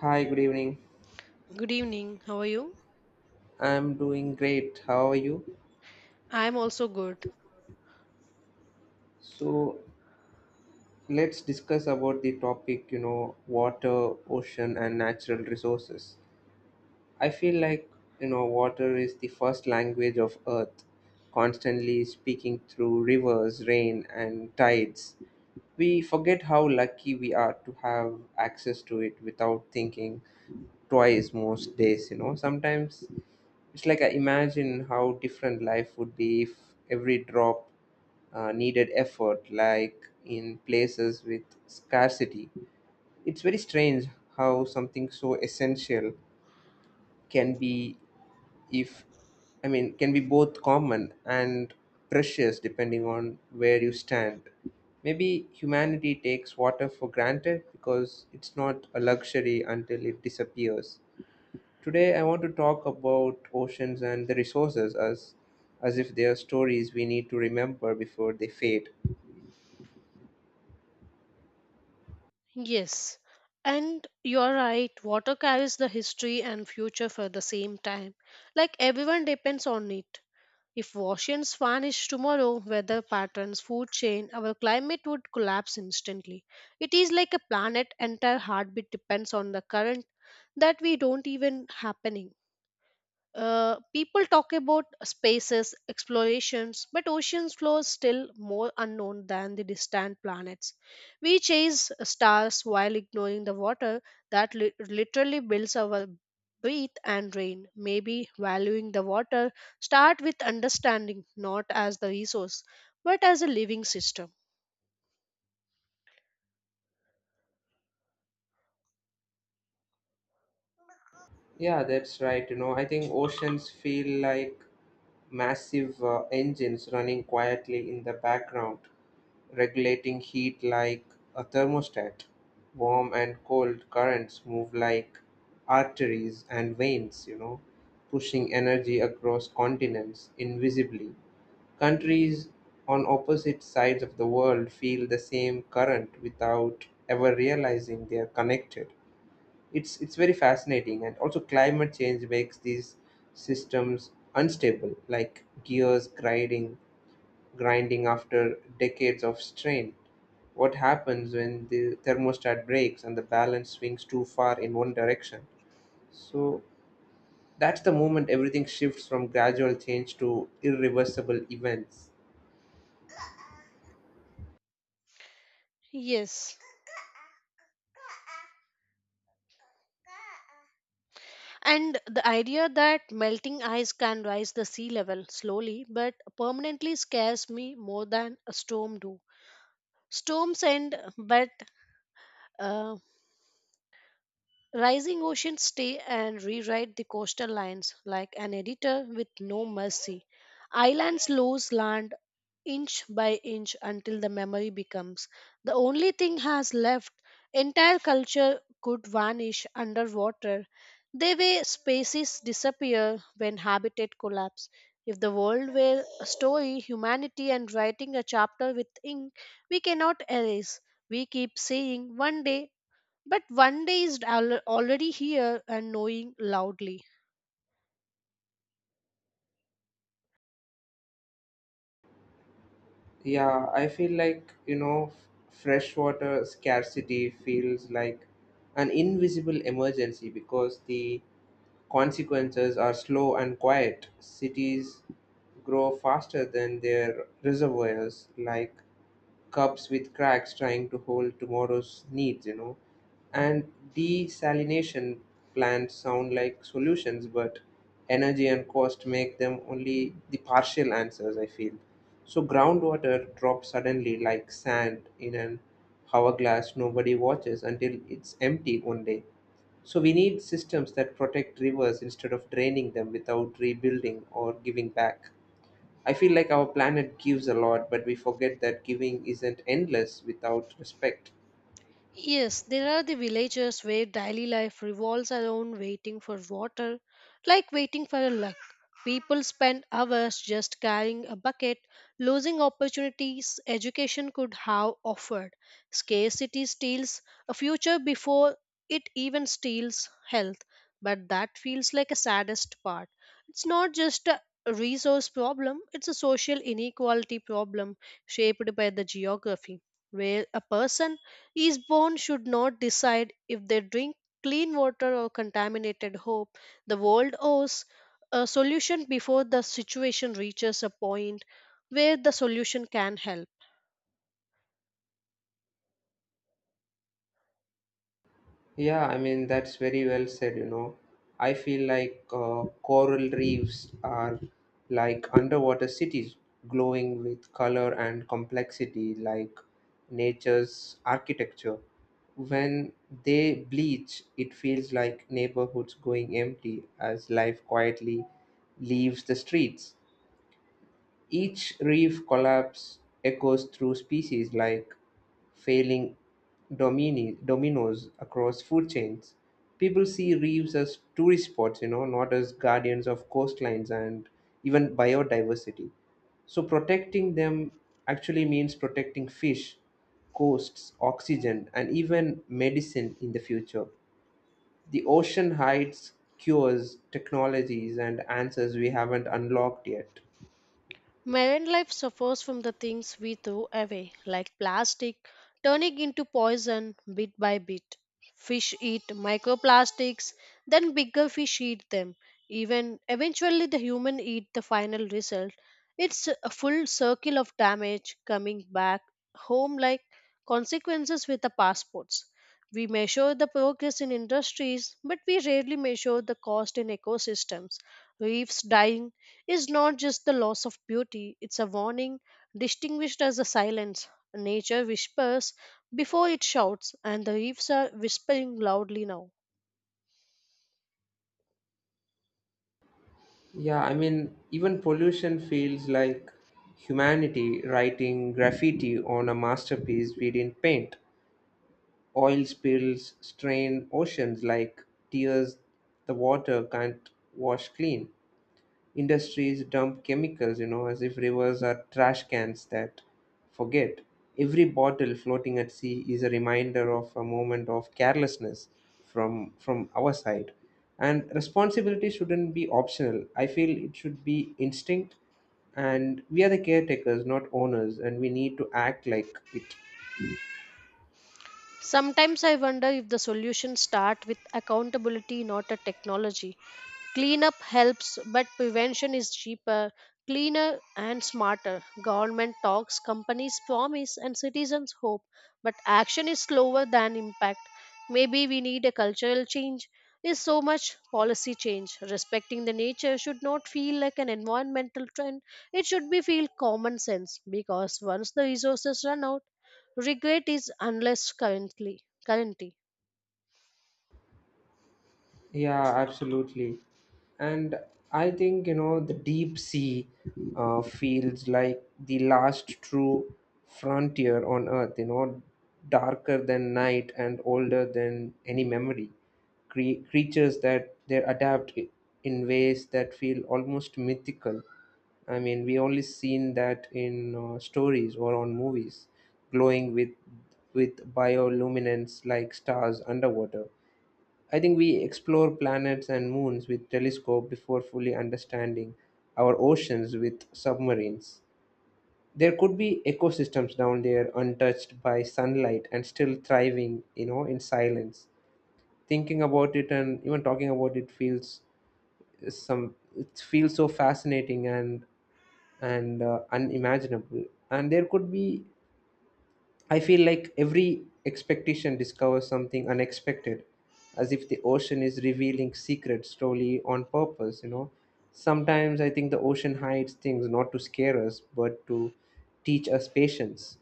Hi, good evening. Good evening. How are you? I'm doing great. How are you? I'm also good. So, let's discuss about the topic, you know, water, ocean, and natural resources. I feel like, you know, water is the first language of Earth, constantly speaking through rivers, rain, and tides. We forget how lucky we are to have access to it without thinking twice most days, you know. Sometimes it's like I imagine how different life would be if every drop needed effort, like in places with scarcity. It's very strange how something so essential can be, if I mean, can be both common and precious depending on where you stand. Maybe humanity takes water for granted because it's not a luxury until it disappears. Today, I want to talk about oceans and the resources as if they are stories we need to remember before they fade. Yes. And you're right, water carries the history and future for the same time. Like everyone depends on it. If oceans vanish tomorrow, weather patterns, food chain, our climate would collapse instantly. It is like a planet entire heartbeat depends on the current that we don't even happening. People talk about spaces, explorations, but oceans floor is still more unknown than the distant planets. We chase stars while ignoring the water that literally builds our breath and rain. Maybe valuing the water start with understanding, not as the resource, but as a living system. Yeah, that's right. You know, I think oceans feel like massive engines running quietly in the background, regulating heat like a thermostat. Warm and cold currents move like arteries and veins, you know, pushing energy across continents invisibly. Countries on opposite sides of the world feel the same current without ever realizing they are connected. It's very fascinating, and also climate change makes these systems unstable, like gears grinding after decades of strain. What happens when the thermostat breaks and the balance swings too far in one direction? So that's the moment everything shifts from gradual change to irreversible events. Yes. And the idea that melting ice can rise the sea level slowly but permanently scares me more than a storm do. Storms end, but uh, rising oceans stay and rewrite the coastal lines like an editor with no mercy. Islands lose land inch by inch until the memory becomes the only thing has left. Entire culture could vanish underwater the way species disappear when habitat collapse. If the world were a story humanity and writing a chapter with ink we cannot erase, we keep saying one day, but one day is already here and knowing loudly. Yeah, I feel like, you know, freshwater scarcity feels like an invisible emergency because the consequences are slow and quiet. Cities grow faster than their reservoirs, like cups with cracks trying to hold tomorrow's needs, you know. And desalination plants sound like solutions, but energy and cost make them only the partial answers, I feel. So groundwater drops suddenly like sand in an hourglass nobody watches until it's empty one day. So we need systems that protect rivers instead of draining them without rebuilding or giving back. I feel like our planet gives a lot, but we forget that giving isn't endless without respect. Yes, there are the villages where daily life revolves around waiting for water, like waiting for a luck. People spend hours just carrying a bucket, losing opportunities education could have offered. Scarcity steals a future before it even steals health. But that feels like a saddest part. It's not just a resource problem, it's a social inequality problem shaped by the geography, where a person Eastbourne should not decide if they drink clean water or contaminated hope. The world owes a solution before the situation reaches a point where the solution can help. Yeah, I mean, that's very well said, you know. I feel like coral reefs are like underwater cities glowing with color and complexity, like nature's architecture. When they bleach, it feels like neighborhoods going empty as life quietly leaves the streets. Each reef collapse echoes through species like failing dominoes across food chains. People see reefs as tourist spots, you know, not as guardians of coastlines and even biodiversity. So protecting them actually means protecting fish, coasts, oxygen, and even medicine in the future. The ocean hides cures, technologies, and answers we haven't unlocked yet. Marine life suffers from the things we throw away, like plastic turning into poison bit by bit. Fish eat microplastics, then bigger fish eat them. Even eventually, the human eat the final result. It's a full circle of damage coming back home like consequences with the passports. We measure the progress in industries, but we rarely measure the cost in ecosystems. Reefs dying is not just the loss of beauty, it's a warning distinguished as a silence. Nature whispers before it shouts, and the leaves are whispering loudly now. Yeah, I mean, even pollution feels like humanity writing graffiti on a masterpiece we didn't paint. Oil spills strain oceans like tears the water can't wash clean. Industries dump chemicals, you know, as if rivers are trash cans that forget. Every bottle floating at sea is a reminder of a moment of carelessness from our side. And responsibility shouldn't be optional. I feel it should be instinct, and we are the caretakers, not owners, and we need to act like it. Sometimes I wonder if the solutions start with accountability, not a technology. Cleanup helps, but prevention is cheaper, cleaner, and smarter. Government talks, companies promise, and citizens hope, but action is slower than impact. Maybe we need a cultural change. Is so much policy change. Respecting the nature should not feel like an environmental trend. It should be feel common sense because once the resources run out, regret is unless currently. Yeah, absolutely. And I think, you know, the deep sea feels like the last true frontier on Earth, you know, darker than night and older than any memory. Creatures that they adapt in ways that feel almost mythical. I mean, we only seen that in stories or on movies, glowing with bioluminescence like stars underwater. I think we explore planets and moons with telescope before fully understanding our oceans with submarines. There could be ecosystems down there untouched by sunlight and still thriving, you know, in silence. Thinking about it and even talking about it feels some it feels so fascinating and unimaginable. And there could be, I feel like every expectation discovers something unexpected, as if the ocean is revealing secrets slowly on purpose, you know. Sometimes I think the ocean hides things not to scare us, but to teach us patience.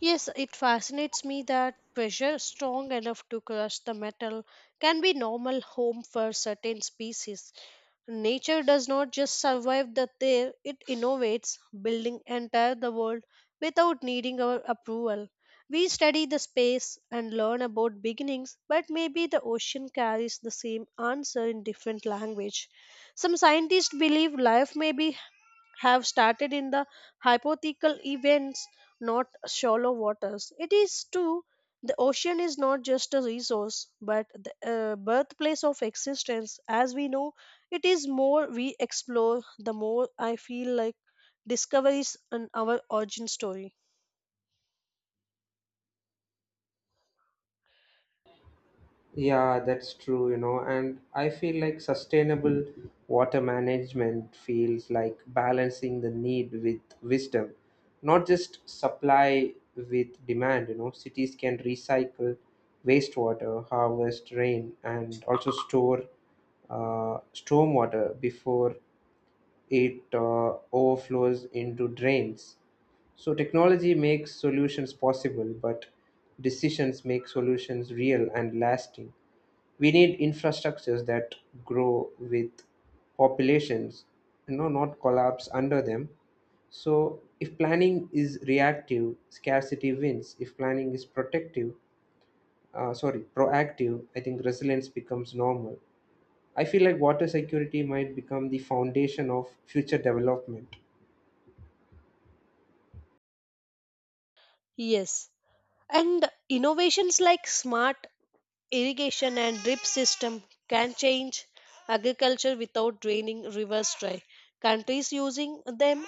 Yes, it fascinates me that pressure strong enough to crush the metal can be normal home for certain species. Nature does not just survive the there, it innovates, building entire the world without needing our approval. We study the space and learn about beginnings, but maybe the ocean carries the same answer in different language. Some scientists believe life may be have started in the hypothetical events, not shallow waters. It is true, the ocean is not just a resource, but the birthplace of existence. As we know, it is more we explore, the more I feel like discoveries and our origin story. Yeah, that's true, you know, and I feel like sustainable water management feels like balancing the need with wisdom, not just supply with demand, you know. Cities can recycle wastewater, harvest rain, and also store stormwater before it overflows into drains. So technology makes solutions possible, but decisions make solutions real and lasting. We need infrastructures that grow with populations, you know, not collapse under them. So if planning is reactive, scarcity wins. If planning is protective, sorry, proactive, I think resilience becomes normal. I feel like water security might become the foundation of future development. Yes. And innovations like smart irrigation and drip system can change agriculture without draining rivers dry. Countries using them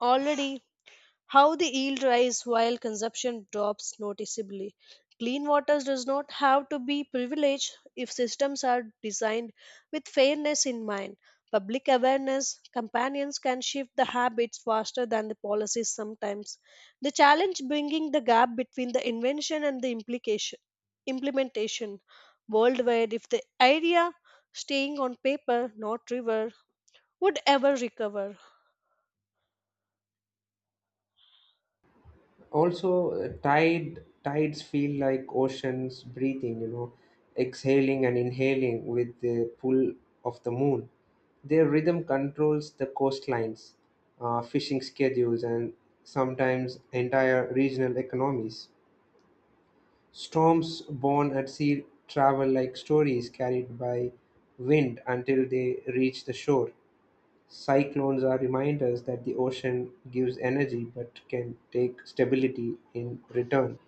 already how the yield rise while consumption drops noticeably. Clean water does not have to be privileged if systems are designed with fairness in mind. Public awareness companions can shift the habits faster than the policies sometimes. The challenge bringing the gap between the invention and the implication implementation worldwide if the idea staying on paper not river would ever recover. Also, tides feel like oceans breathing, you know, exhaling and inhaling with the pull of the moon. Their rhythm controls the coastlines, fishing schedules, and sometimes entire regional economies. Storms born at sea travel like stories carried by wind until they reach the shore. Cyclones are reminders that the ocean gives energy but can take stability in return.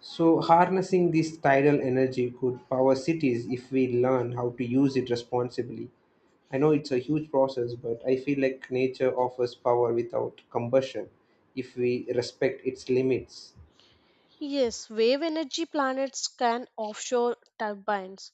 So, harnessing this tidal energy could power cities if we learn how to use it responsibly. I know it's a huge process, but I feel like nature offers power without combustion if we respect its limits. Yes, wave energy planets can offshore turbines,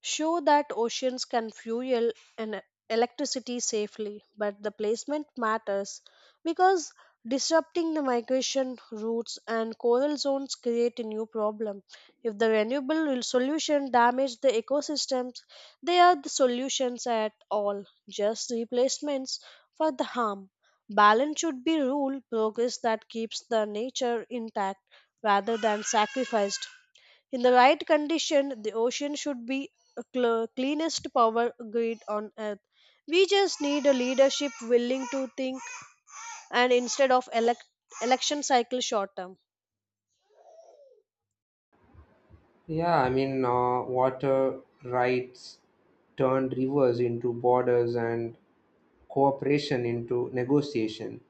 show that oceans can fuel and electricity safely, but the placement matters because disrupting the migration routes and coral zones create a new problem. If the renewable solution damage the ecosystems, they are the solutions at all, just replacements for the harm. Balance should be rule progress that keeps the nature intact rather than sacrificed. In the right condition, the ocean should be a cleanest power grid on earth. We just need a leadership willing to think and instead of election cycle short term. Yeah, I mean, water rights turned rivers into borders and cooperation into negotiation.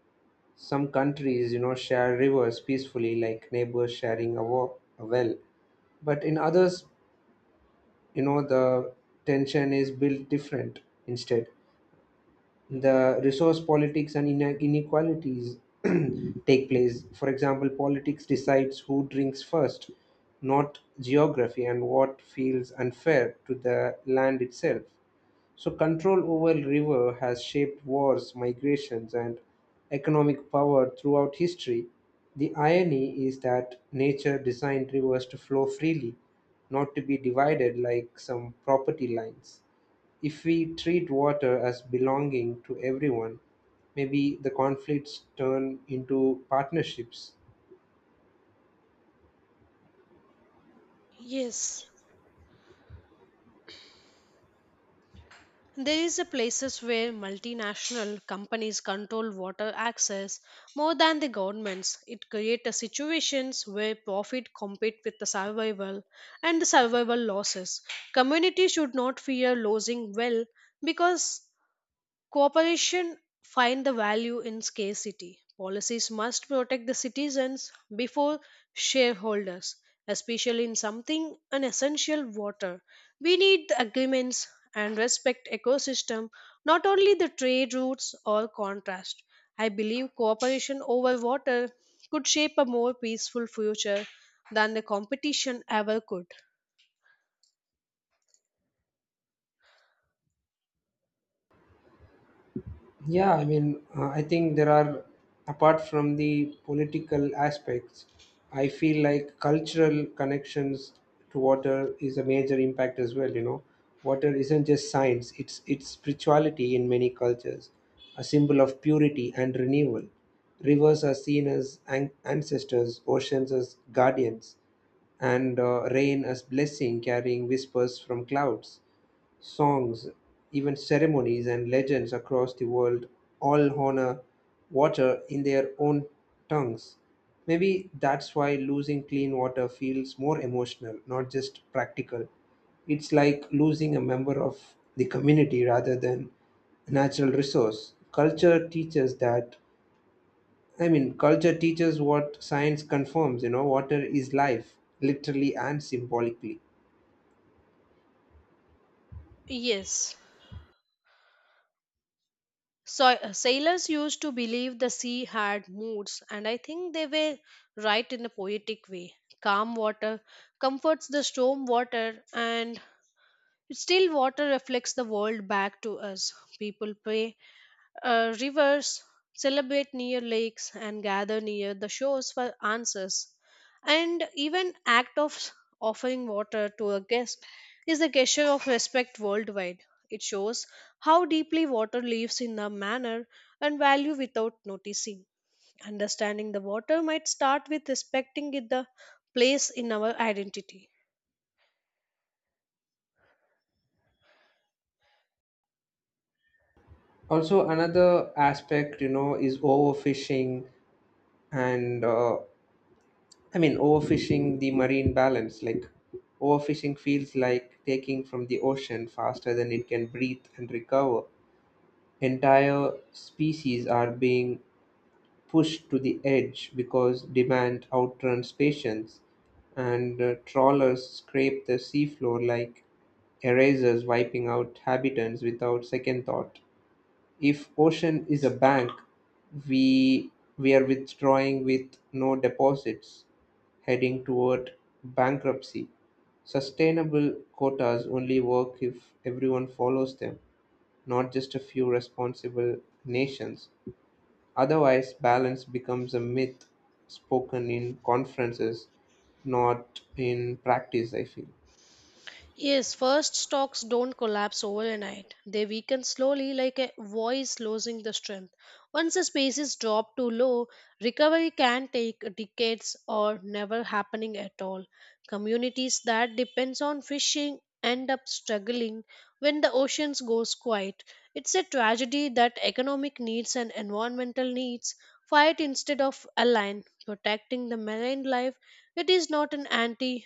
Some countries, you know, share rivers peacefully, like neighbors sharing a well. But in others, you know, the tension is built different instead. The resource politics and inequalities take place. For example, politics decides who drinks first, not geography, and what feels unfair to the land itself. So, control over river has shaped wars, migrations, and economic power throughout history. The irony is that nature designed rivers to flow freely, not to be divided like some property lines. If we treat water as belonging to everyone, maybe the conflicts turn into partnerships. Yes, there is a places where multinational companies control water access more than the governments. It creates a situations where profit compete with the survival and the survival losses. Community should not fear losing well because cooperation find the value in scarcity. Policies must protect the citizens before shareholders, especially in something an essential water. We need the agreements and respect ecosystem, not only the trade routes or contrast. I believe cooperation over water could shape a more peaceful future than the competition ever could. Yeah, I mean, I think there are, apart from the political aspects, I feel like cultural connections to water is a major impact as well. You know, water isn't just science; it's spirituality in many cultures, a symbol of purity and renewal. Rivers are seen as ancestors, oceans as guardians, and rain as blessing, carrying whispers from clouds, songs, even ceremonies and legends across the world all honor water in their own tongues. Maybe that's why losing clean water feels more emotional, not just practical. It's like losing a member of the community rather than a natural resource. I mean, culture teaches what science confirms, you know, water is life, literally and symbolically. Yes. So, sailors used to believe the sea had moods, and I think they were right in a poetic way. Calm water comforts the storm water, and still water reflects the world back to us. People pray rivers celebrate near lakes and gather near the shores for answers. And even act of offering water to a guest is a gesture of respect worldwide. It shows how deeply water lives in a manner and value without noticing. Understanding the water might start with respecting it the place in our identity. Also another aspect, you know, is overfishing and overfishing the marine balance, like overfishing feels like taking from the ocean faster than it can breathe and recover. Entire species are being pushed to the edge because demand outruns patience, and trawlers scrape the seafloor like erasers wiping out habitants without second thought. If Ocean is a bank, we we are withdrawing with no deposits, heading toward bankruptcy. Sustainable quotas only work if everyone follows them, not just a few responsible nations. Otherwise, balance becomes a myth spoken in conferences, not in practice, I feel. Yes, first stocks don't collapse overnight. They weaken slowly like a voice losing the strength. Once the spaces drop too low, recovery can take decades or never happening at all. Communities that depends on fishing end up struggling when the oceans goes quiet. It's a tragedy that economic needs and environmental needs fight instead of align. Protecting the marine life, it is not an anti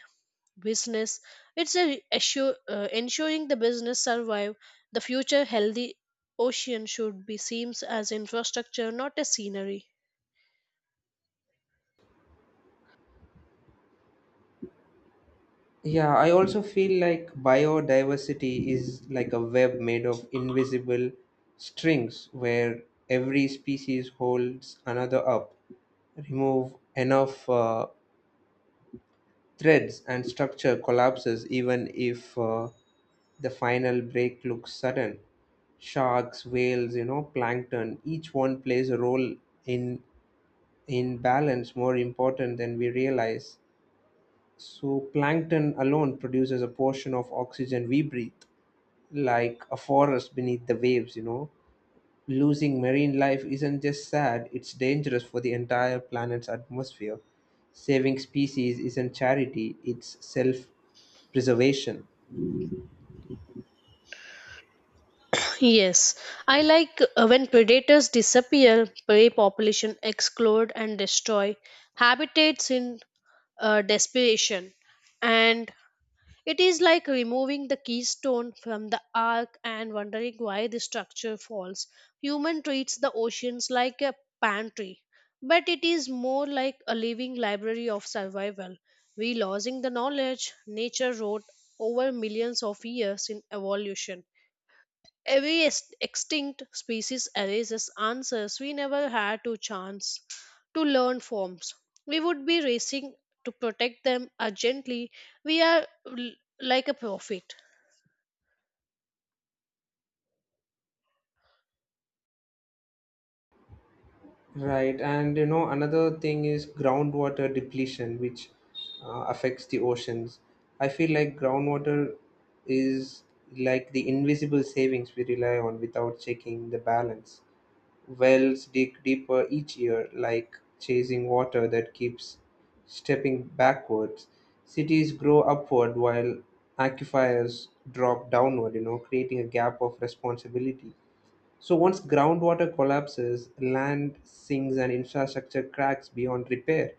business, it's a ensuring the business survive the future healthy ocean should be seems as infrastructure not a scenery. Yeah, I also feel like biodiversity is like a web made of invisible strings where every species holds another up. Remove enough threads and structure collapses, even if the final break looks sudden. Sharks, whales, you know, plankton, each one plays a role in in balance more important than we realize. So plankton alone produces a portion of oxygen we breathe like a forest beneath the waves, you know. Losing marine life isn't just sad, it's dangerous for the entire planet's atmosphere. Saving species isn't charity, it's self preservation. Yes, I like when predators disappear prey population explode and destroy habitats in desperation, and it is like removing the keystone from the ark and wondering why the structure falls. Human treats the oceans like a pantry, but it is more like a living library of survival. We losing the knowledge nature wrote over millions of years in evolution. Every extinct species erases answers we never had to chance to learn forms. We would be racing to protect them urgently. We are like a prophet. Right, and you know, another thing is groundwater depletion, which affects the oceans. I feel like groundwater is like the invisible savings we rely on without checking the balance. Whales dig deeper each year, like chasing water that keeps stepping backwards. Cities grow upward while aquifers drop downward, you know, creating a gap of responsibility. So once groundwater collapses, land sinks and infrastructure cracks beyond repair.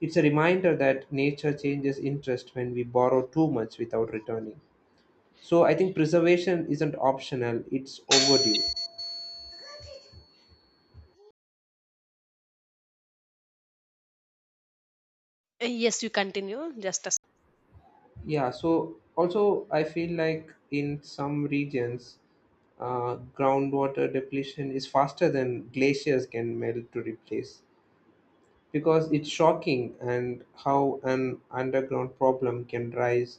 It's a reminder that nature changes interest when we borrow too much without returning. So I think preservation isn't optional, it's overdue. Yes, you continue. Just a Yeah, so also I feel like in some regions, groundwater depletion is faster than glaciers can melt to replace because it's shocking and how an underground problem can rise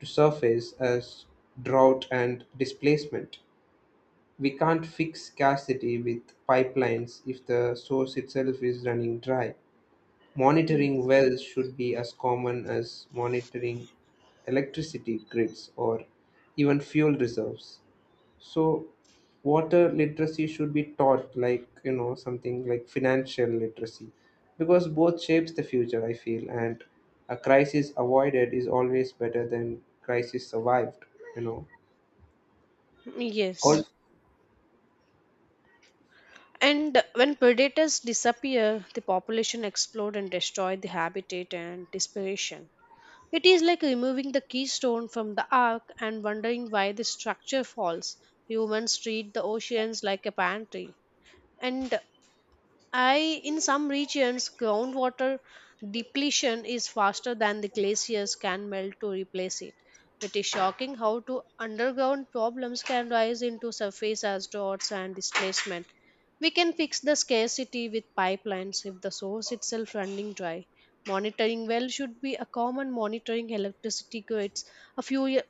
to surface as drought and displacement. We can't fix scarcity with pipelines if the source itself is running dry. second. Monitoring wells should be as common as monitoring electricity grids or even fuel reserves. So, water literacy should be taught like, you know, something like financial literacy because both shapes the future, I feel, and a crisis avoided is always better than crisis survived, you know. All. Yes. And when predators disappear, the population explode and destroy the habitat and desperation. It is like removing the keystone from the ark and wondering why the structure falls. Humans treat the oceans like a pantry, and I in some regions groundwater depletion is faster than the glaciers can melt to replace it. It is shocking how to underground problems can rise into surface as droughts and displacement. We can fix the scarcity with pipelines if the source itself running dry. Monitoring well should be a common monitoring electricity grids, a fuel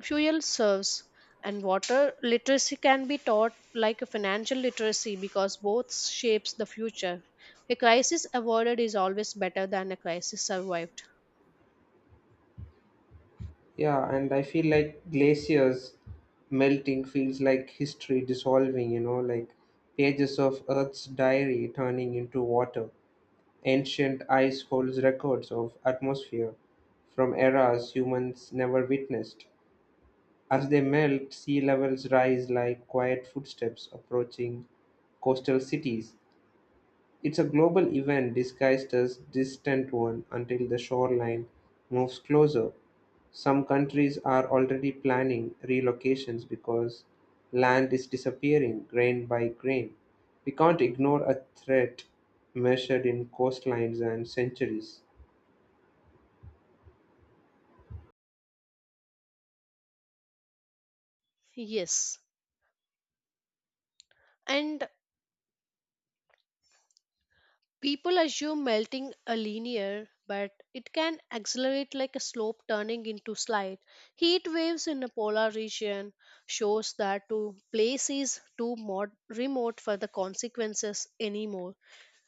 fuel serves, and water literacy can be taught like a financial literacy because both shapes the future. A crisis avoided is always better than a crisis survived. Yeah, and I feel like glaciers melting feels like history dissolving, you know, like pages of Earth's diary turning into water. Ancient ice holds records of atmosphere from eras humans never witnessed. As they melt, sea levels rise like quiet footsteps approaching coastal cities. It's a global event disguised as distant one until the shoreline moves closer. Some countries are already planning relocations because land is disappearing grain by grain. We can't ignore a threat measured in coastlines and centuries. Yes, and people assume melting a linear but it can accelerate like a slope turning into slide. Heat waves in a polar region shows that to place is too remote for the consequences anymore.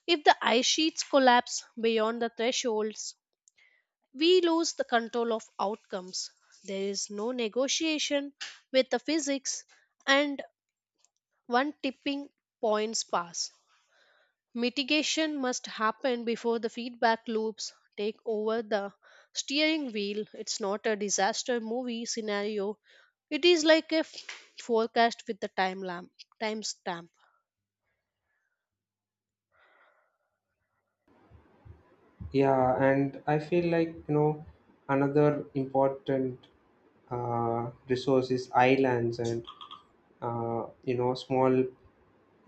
If the ice sheets collapse beyond the thresholds we lose the control of outcomes. There is no negotiation with the physics, and one tipping points pass. Mitigation must happen before the feedback loops take over the steering wheel. It's not a disaster movie scenario. It is like a forecast with the timestamp. Yeah, and I feel like, you know, another important resource is islands and, you know, small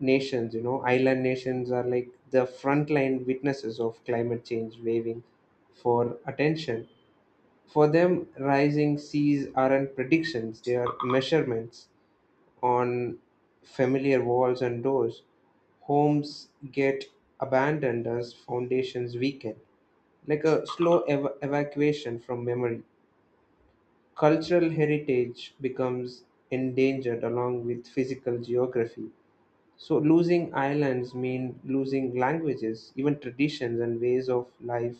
nations. You know, island nations are like the frontline witnesses of climate change, waving for attention. For them, rising seas aren't predictions, they are measurements on familiar walls and doors. Homes get abandoned as foundations weaken, like a slow evacuation from memory. Cultural heritage becomes endangered along with physical geography. So losing islands mean losing languages, even traditions and ways of life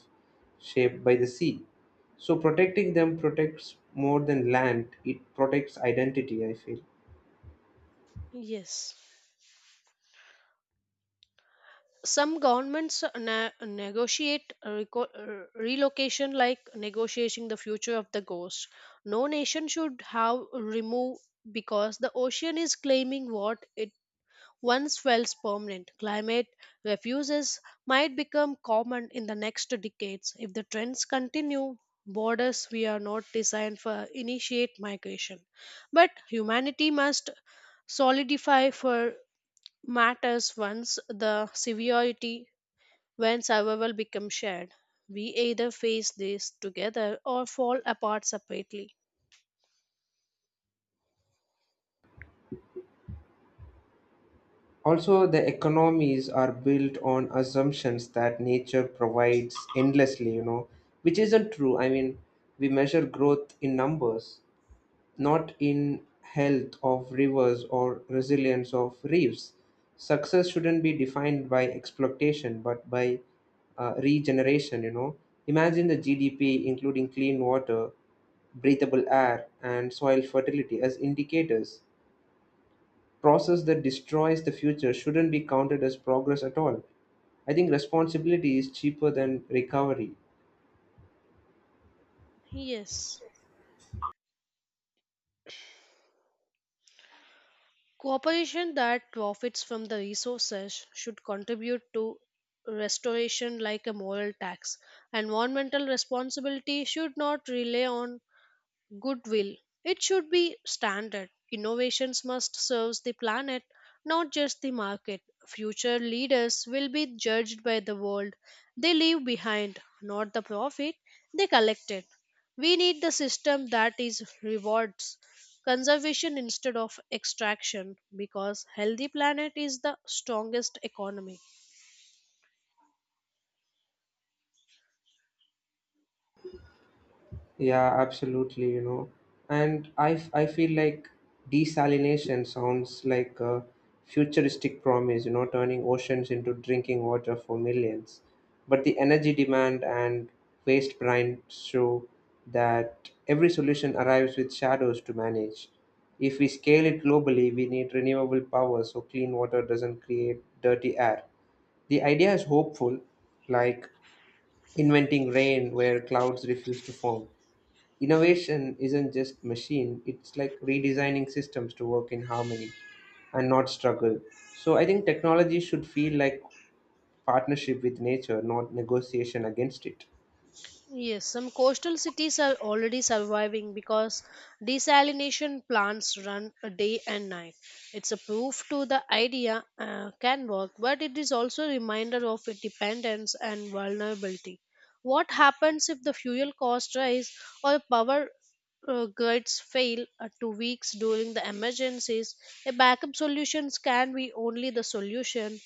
shaped by the sea. So protecting them protects more than land, it protects identity, I feel. Yes. Some governments negotiate relocation like negotiating the future of the ghost. No nation should have remove because the ocean is claiming what it once felt permanent. Climate refuges might become common in the next decades if the trends continue. Borders we are not designed for initiate migration, but humanity must solidify for matters once the severity. When survival becomes shared, we either face this together or fall apart separately. Also, the economies are built on assumptions that nature provides endlessly, you know, which isn't true. I mean, we measure growth in numbers, not in health of rivers or resilience of reefs. Success shouldn't be defined by exploitation, but by regeneration. You know, imagine the GDP including clean water, breathable air, and soil fertility as indicators. Process that destroys the future shouldn't be counted as progress at all. I think responsibility is cheaper than recovery. Yes. Cooperation that profits from the resources should contribute to restoration like a moral tax. Environmental responsibility should not rely on goodwill. It should be standard. Innovations must serve the planet, not just the market. Future leaders will be judged by the world they leave behind, not the profit they collected. We need the system that is rewards conservation instead of extraction because healthy planet is the strongest economy. Yeah, absolutely, you know. And I feel like desalination sounds like a futuristic promise, you know, turning oceans into drinking water for millions. But the energy demand and waste brine show that every solution arrives with shadows to manage. If we scale it globally, we need renewable power so clean water doesn't create dirty air. The idea is hopeful, like inventing rain where clouds refuse to form. Innovation isn't just machine, it's like redesigning systems to work in harmony and not struggle. So I think technology should feel like partnership with nature, not negotiation against it. Yes, some coastal cities are already surviving because desalination plants run a day and night. It's a proof to the idea can work, but it is also a reminder of its dependence and vulnerability. What happens if the fuel costs rise or power grids fail to weeks during the emergencies? A backup solutions can be only the solution.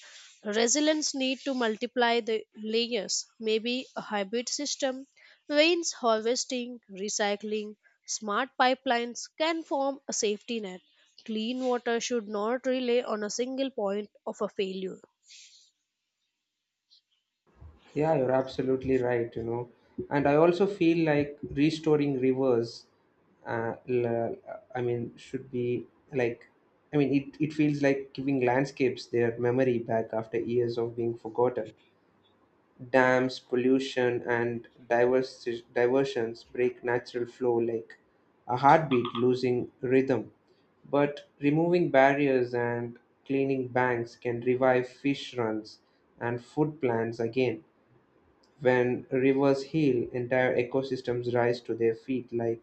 Resilience need to multiply the layers. Maybe a hybrid system, rains harvesting, recycling, smart pipelines can form a safety net. Clean water should not rely on a single point of a failure. Yeah, you're absolutely right, you know. And I also feel like restoring rivers, uh, l- I mean, should be like, I mean, it feels like giving landscapes their memory back after years of being forgotten. Dams, pollution, and diversions break natural flow like a heartbeat losing rhythm. But removing barriers and cleaning banks can revive fish runs and food plants again. When rivers heal, entire ecosystems rise to their feet like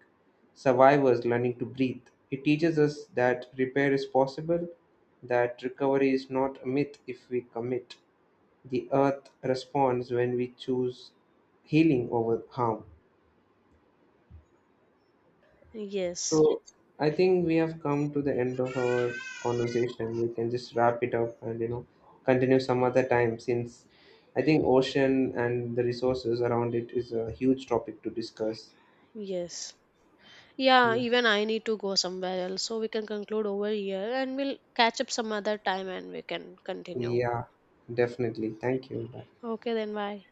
survivors learning to breathe. It teaches us that repair is possible, that recovery is not a myth if we commit. The earth responds when we choose healing over harm. Yes, So I think we have come to the end of our conversation. We can just wrap it up and you know continue some other time since I think ocean and the resources around it is a huge topic to discuss. yes. Yeah, Yeah, even I need to go somewhere else. So we can conclude over here and we'll catch up some other time and we can continue. yeah, definitely. Thank you. Bye. Okay, then bye.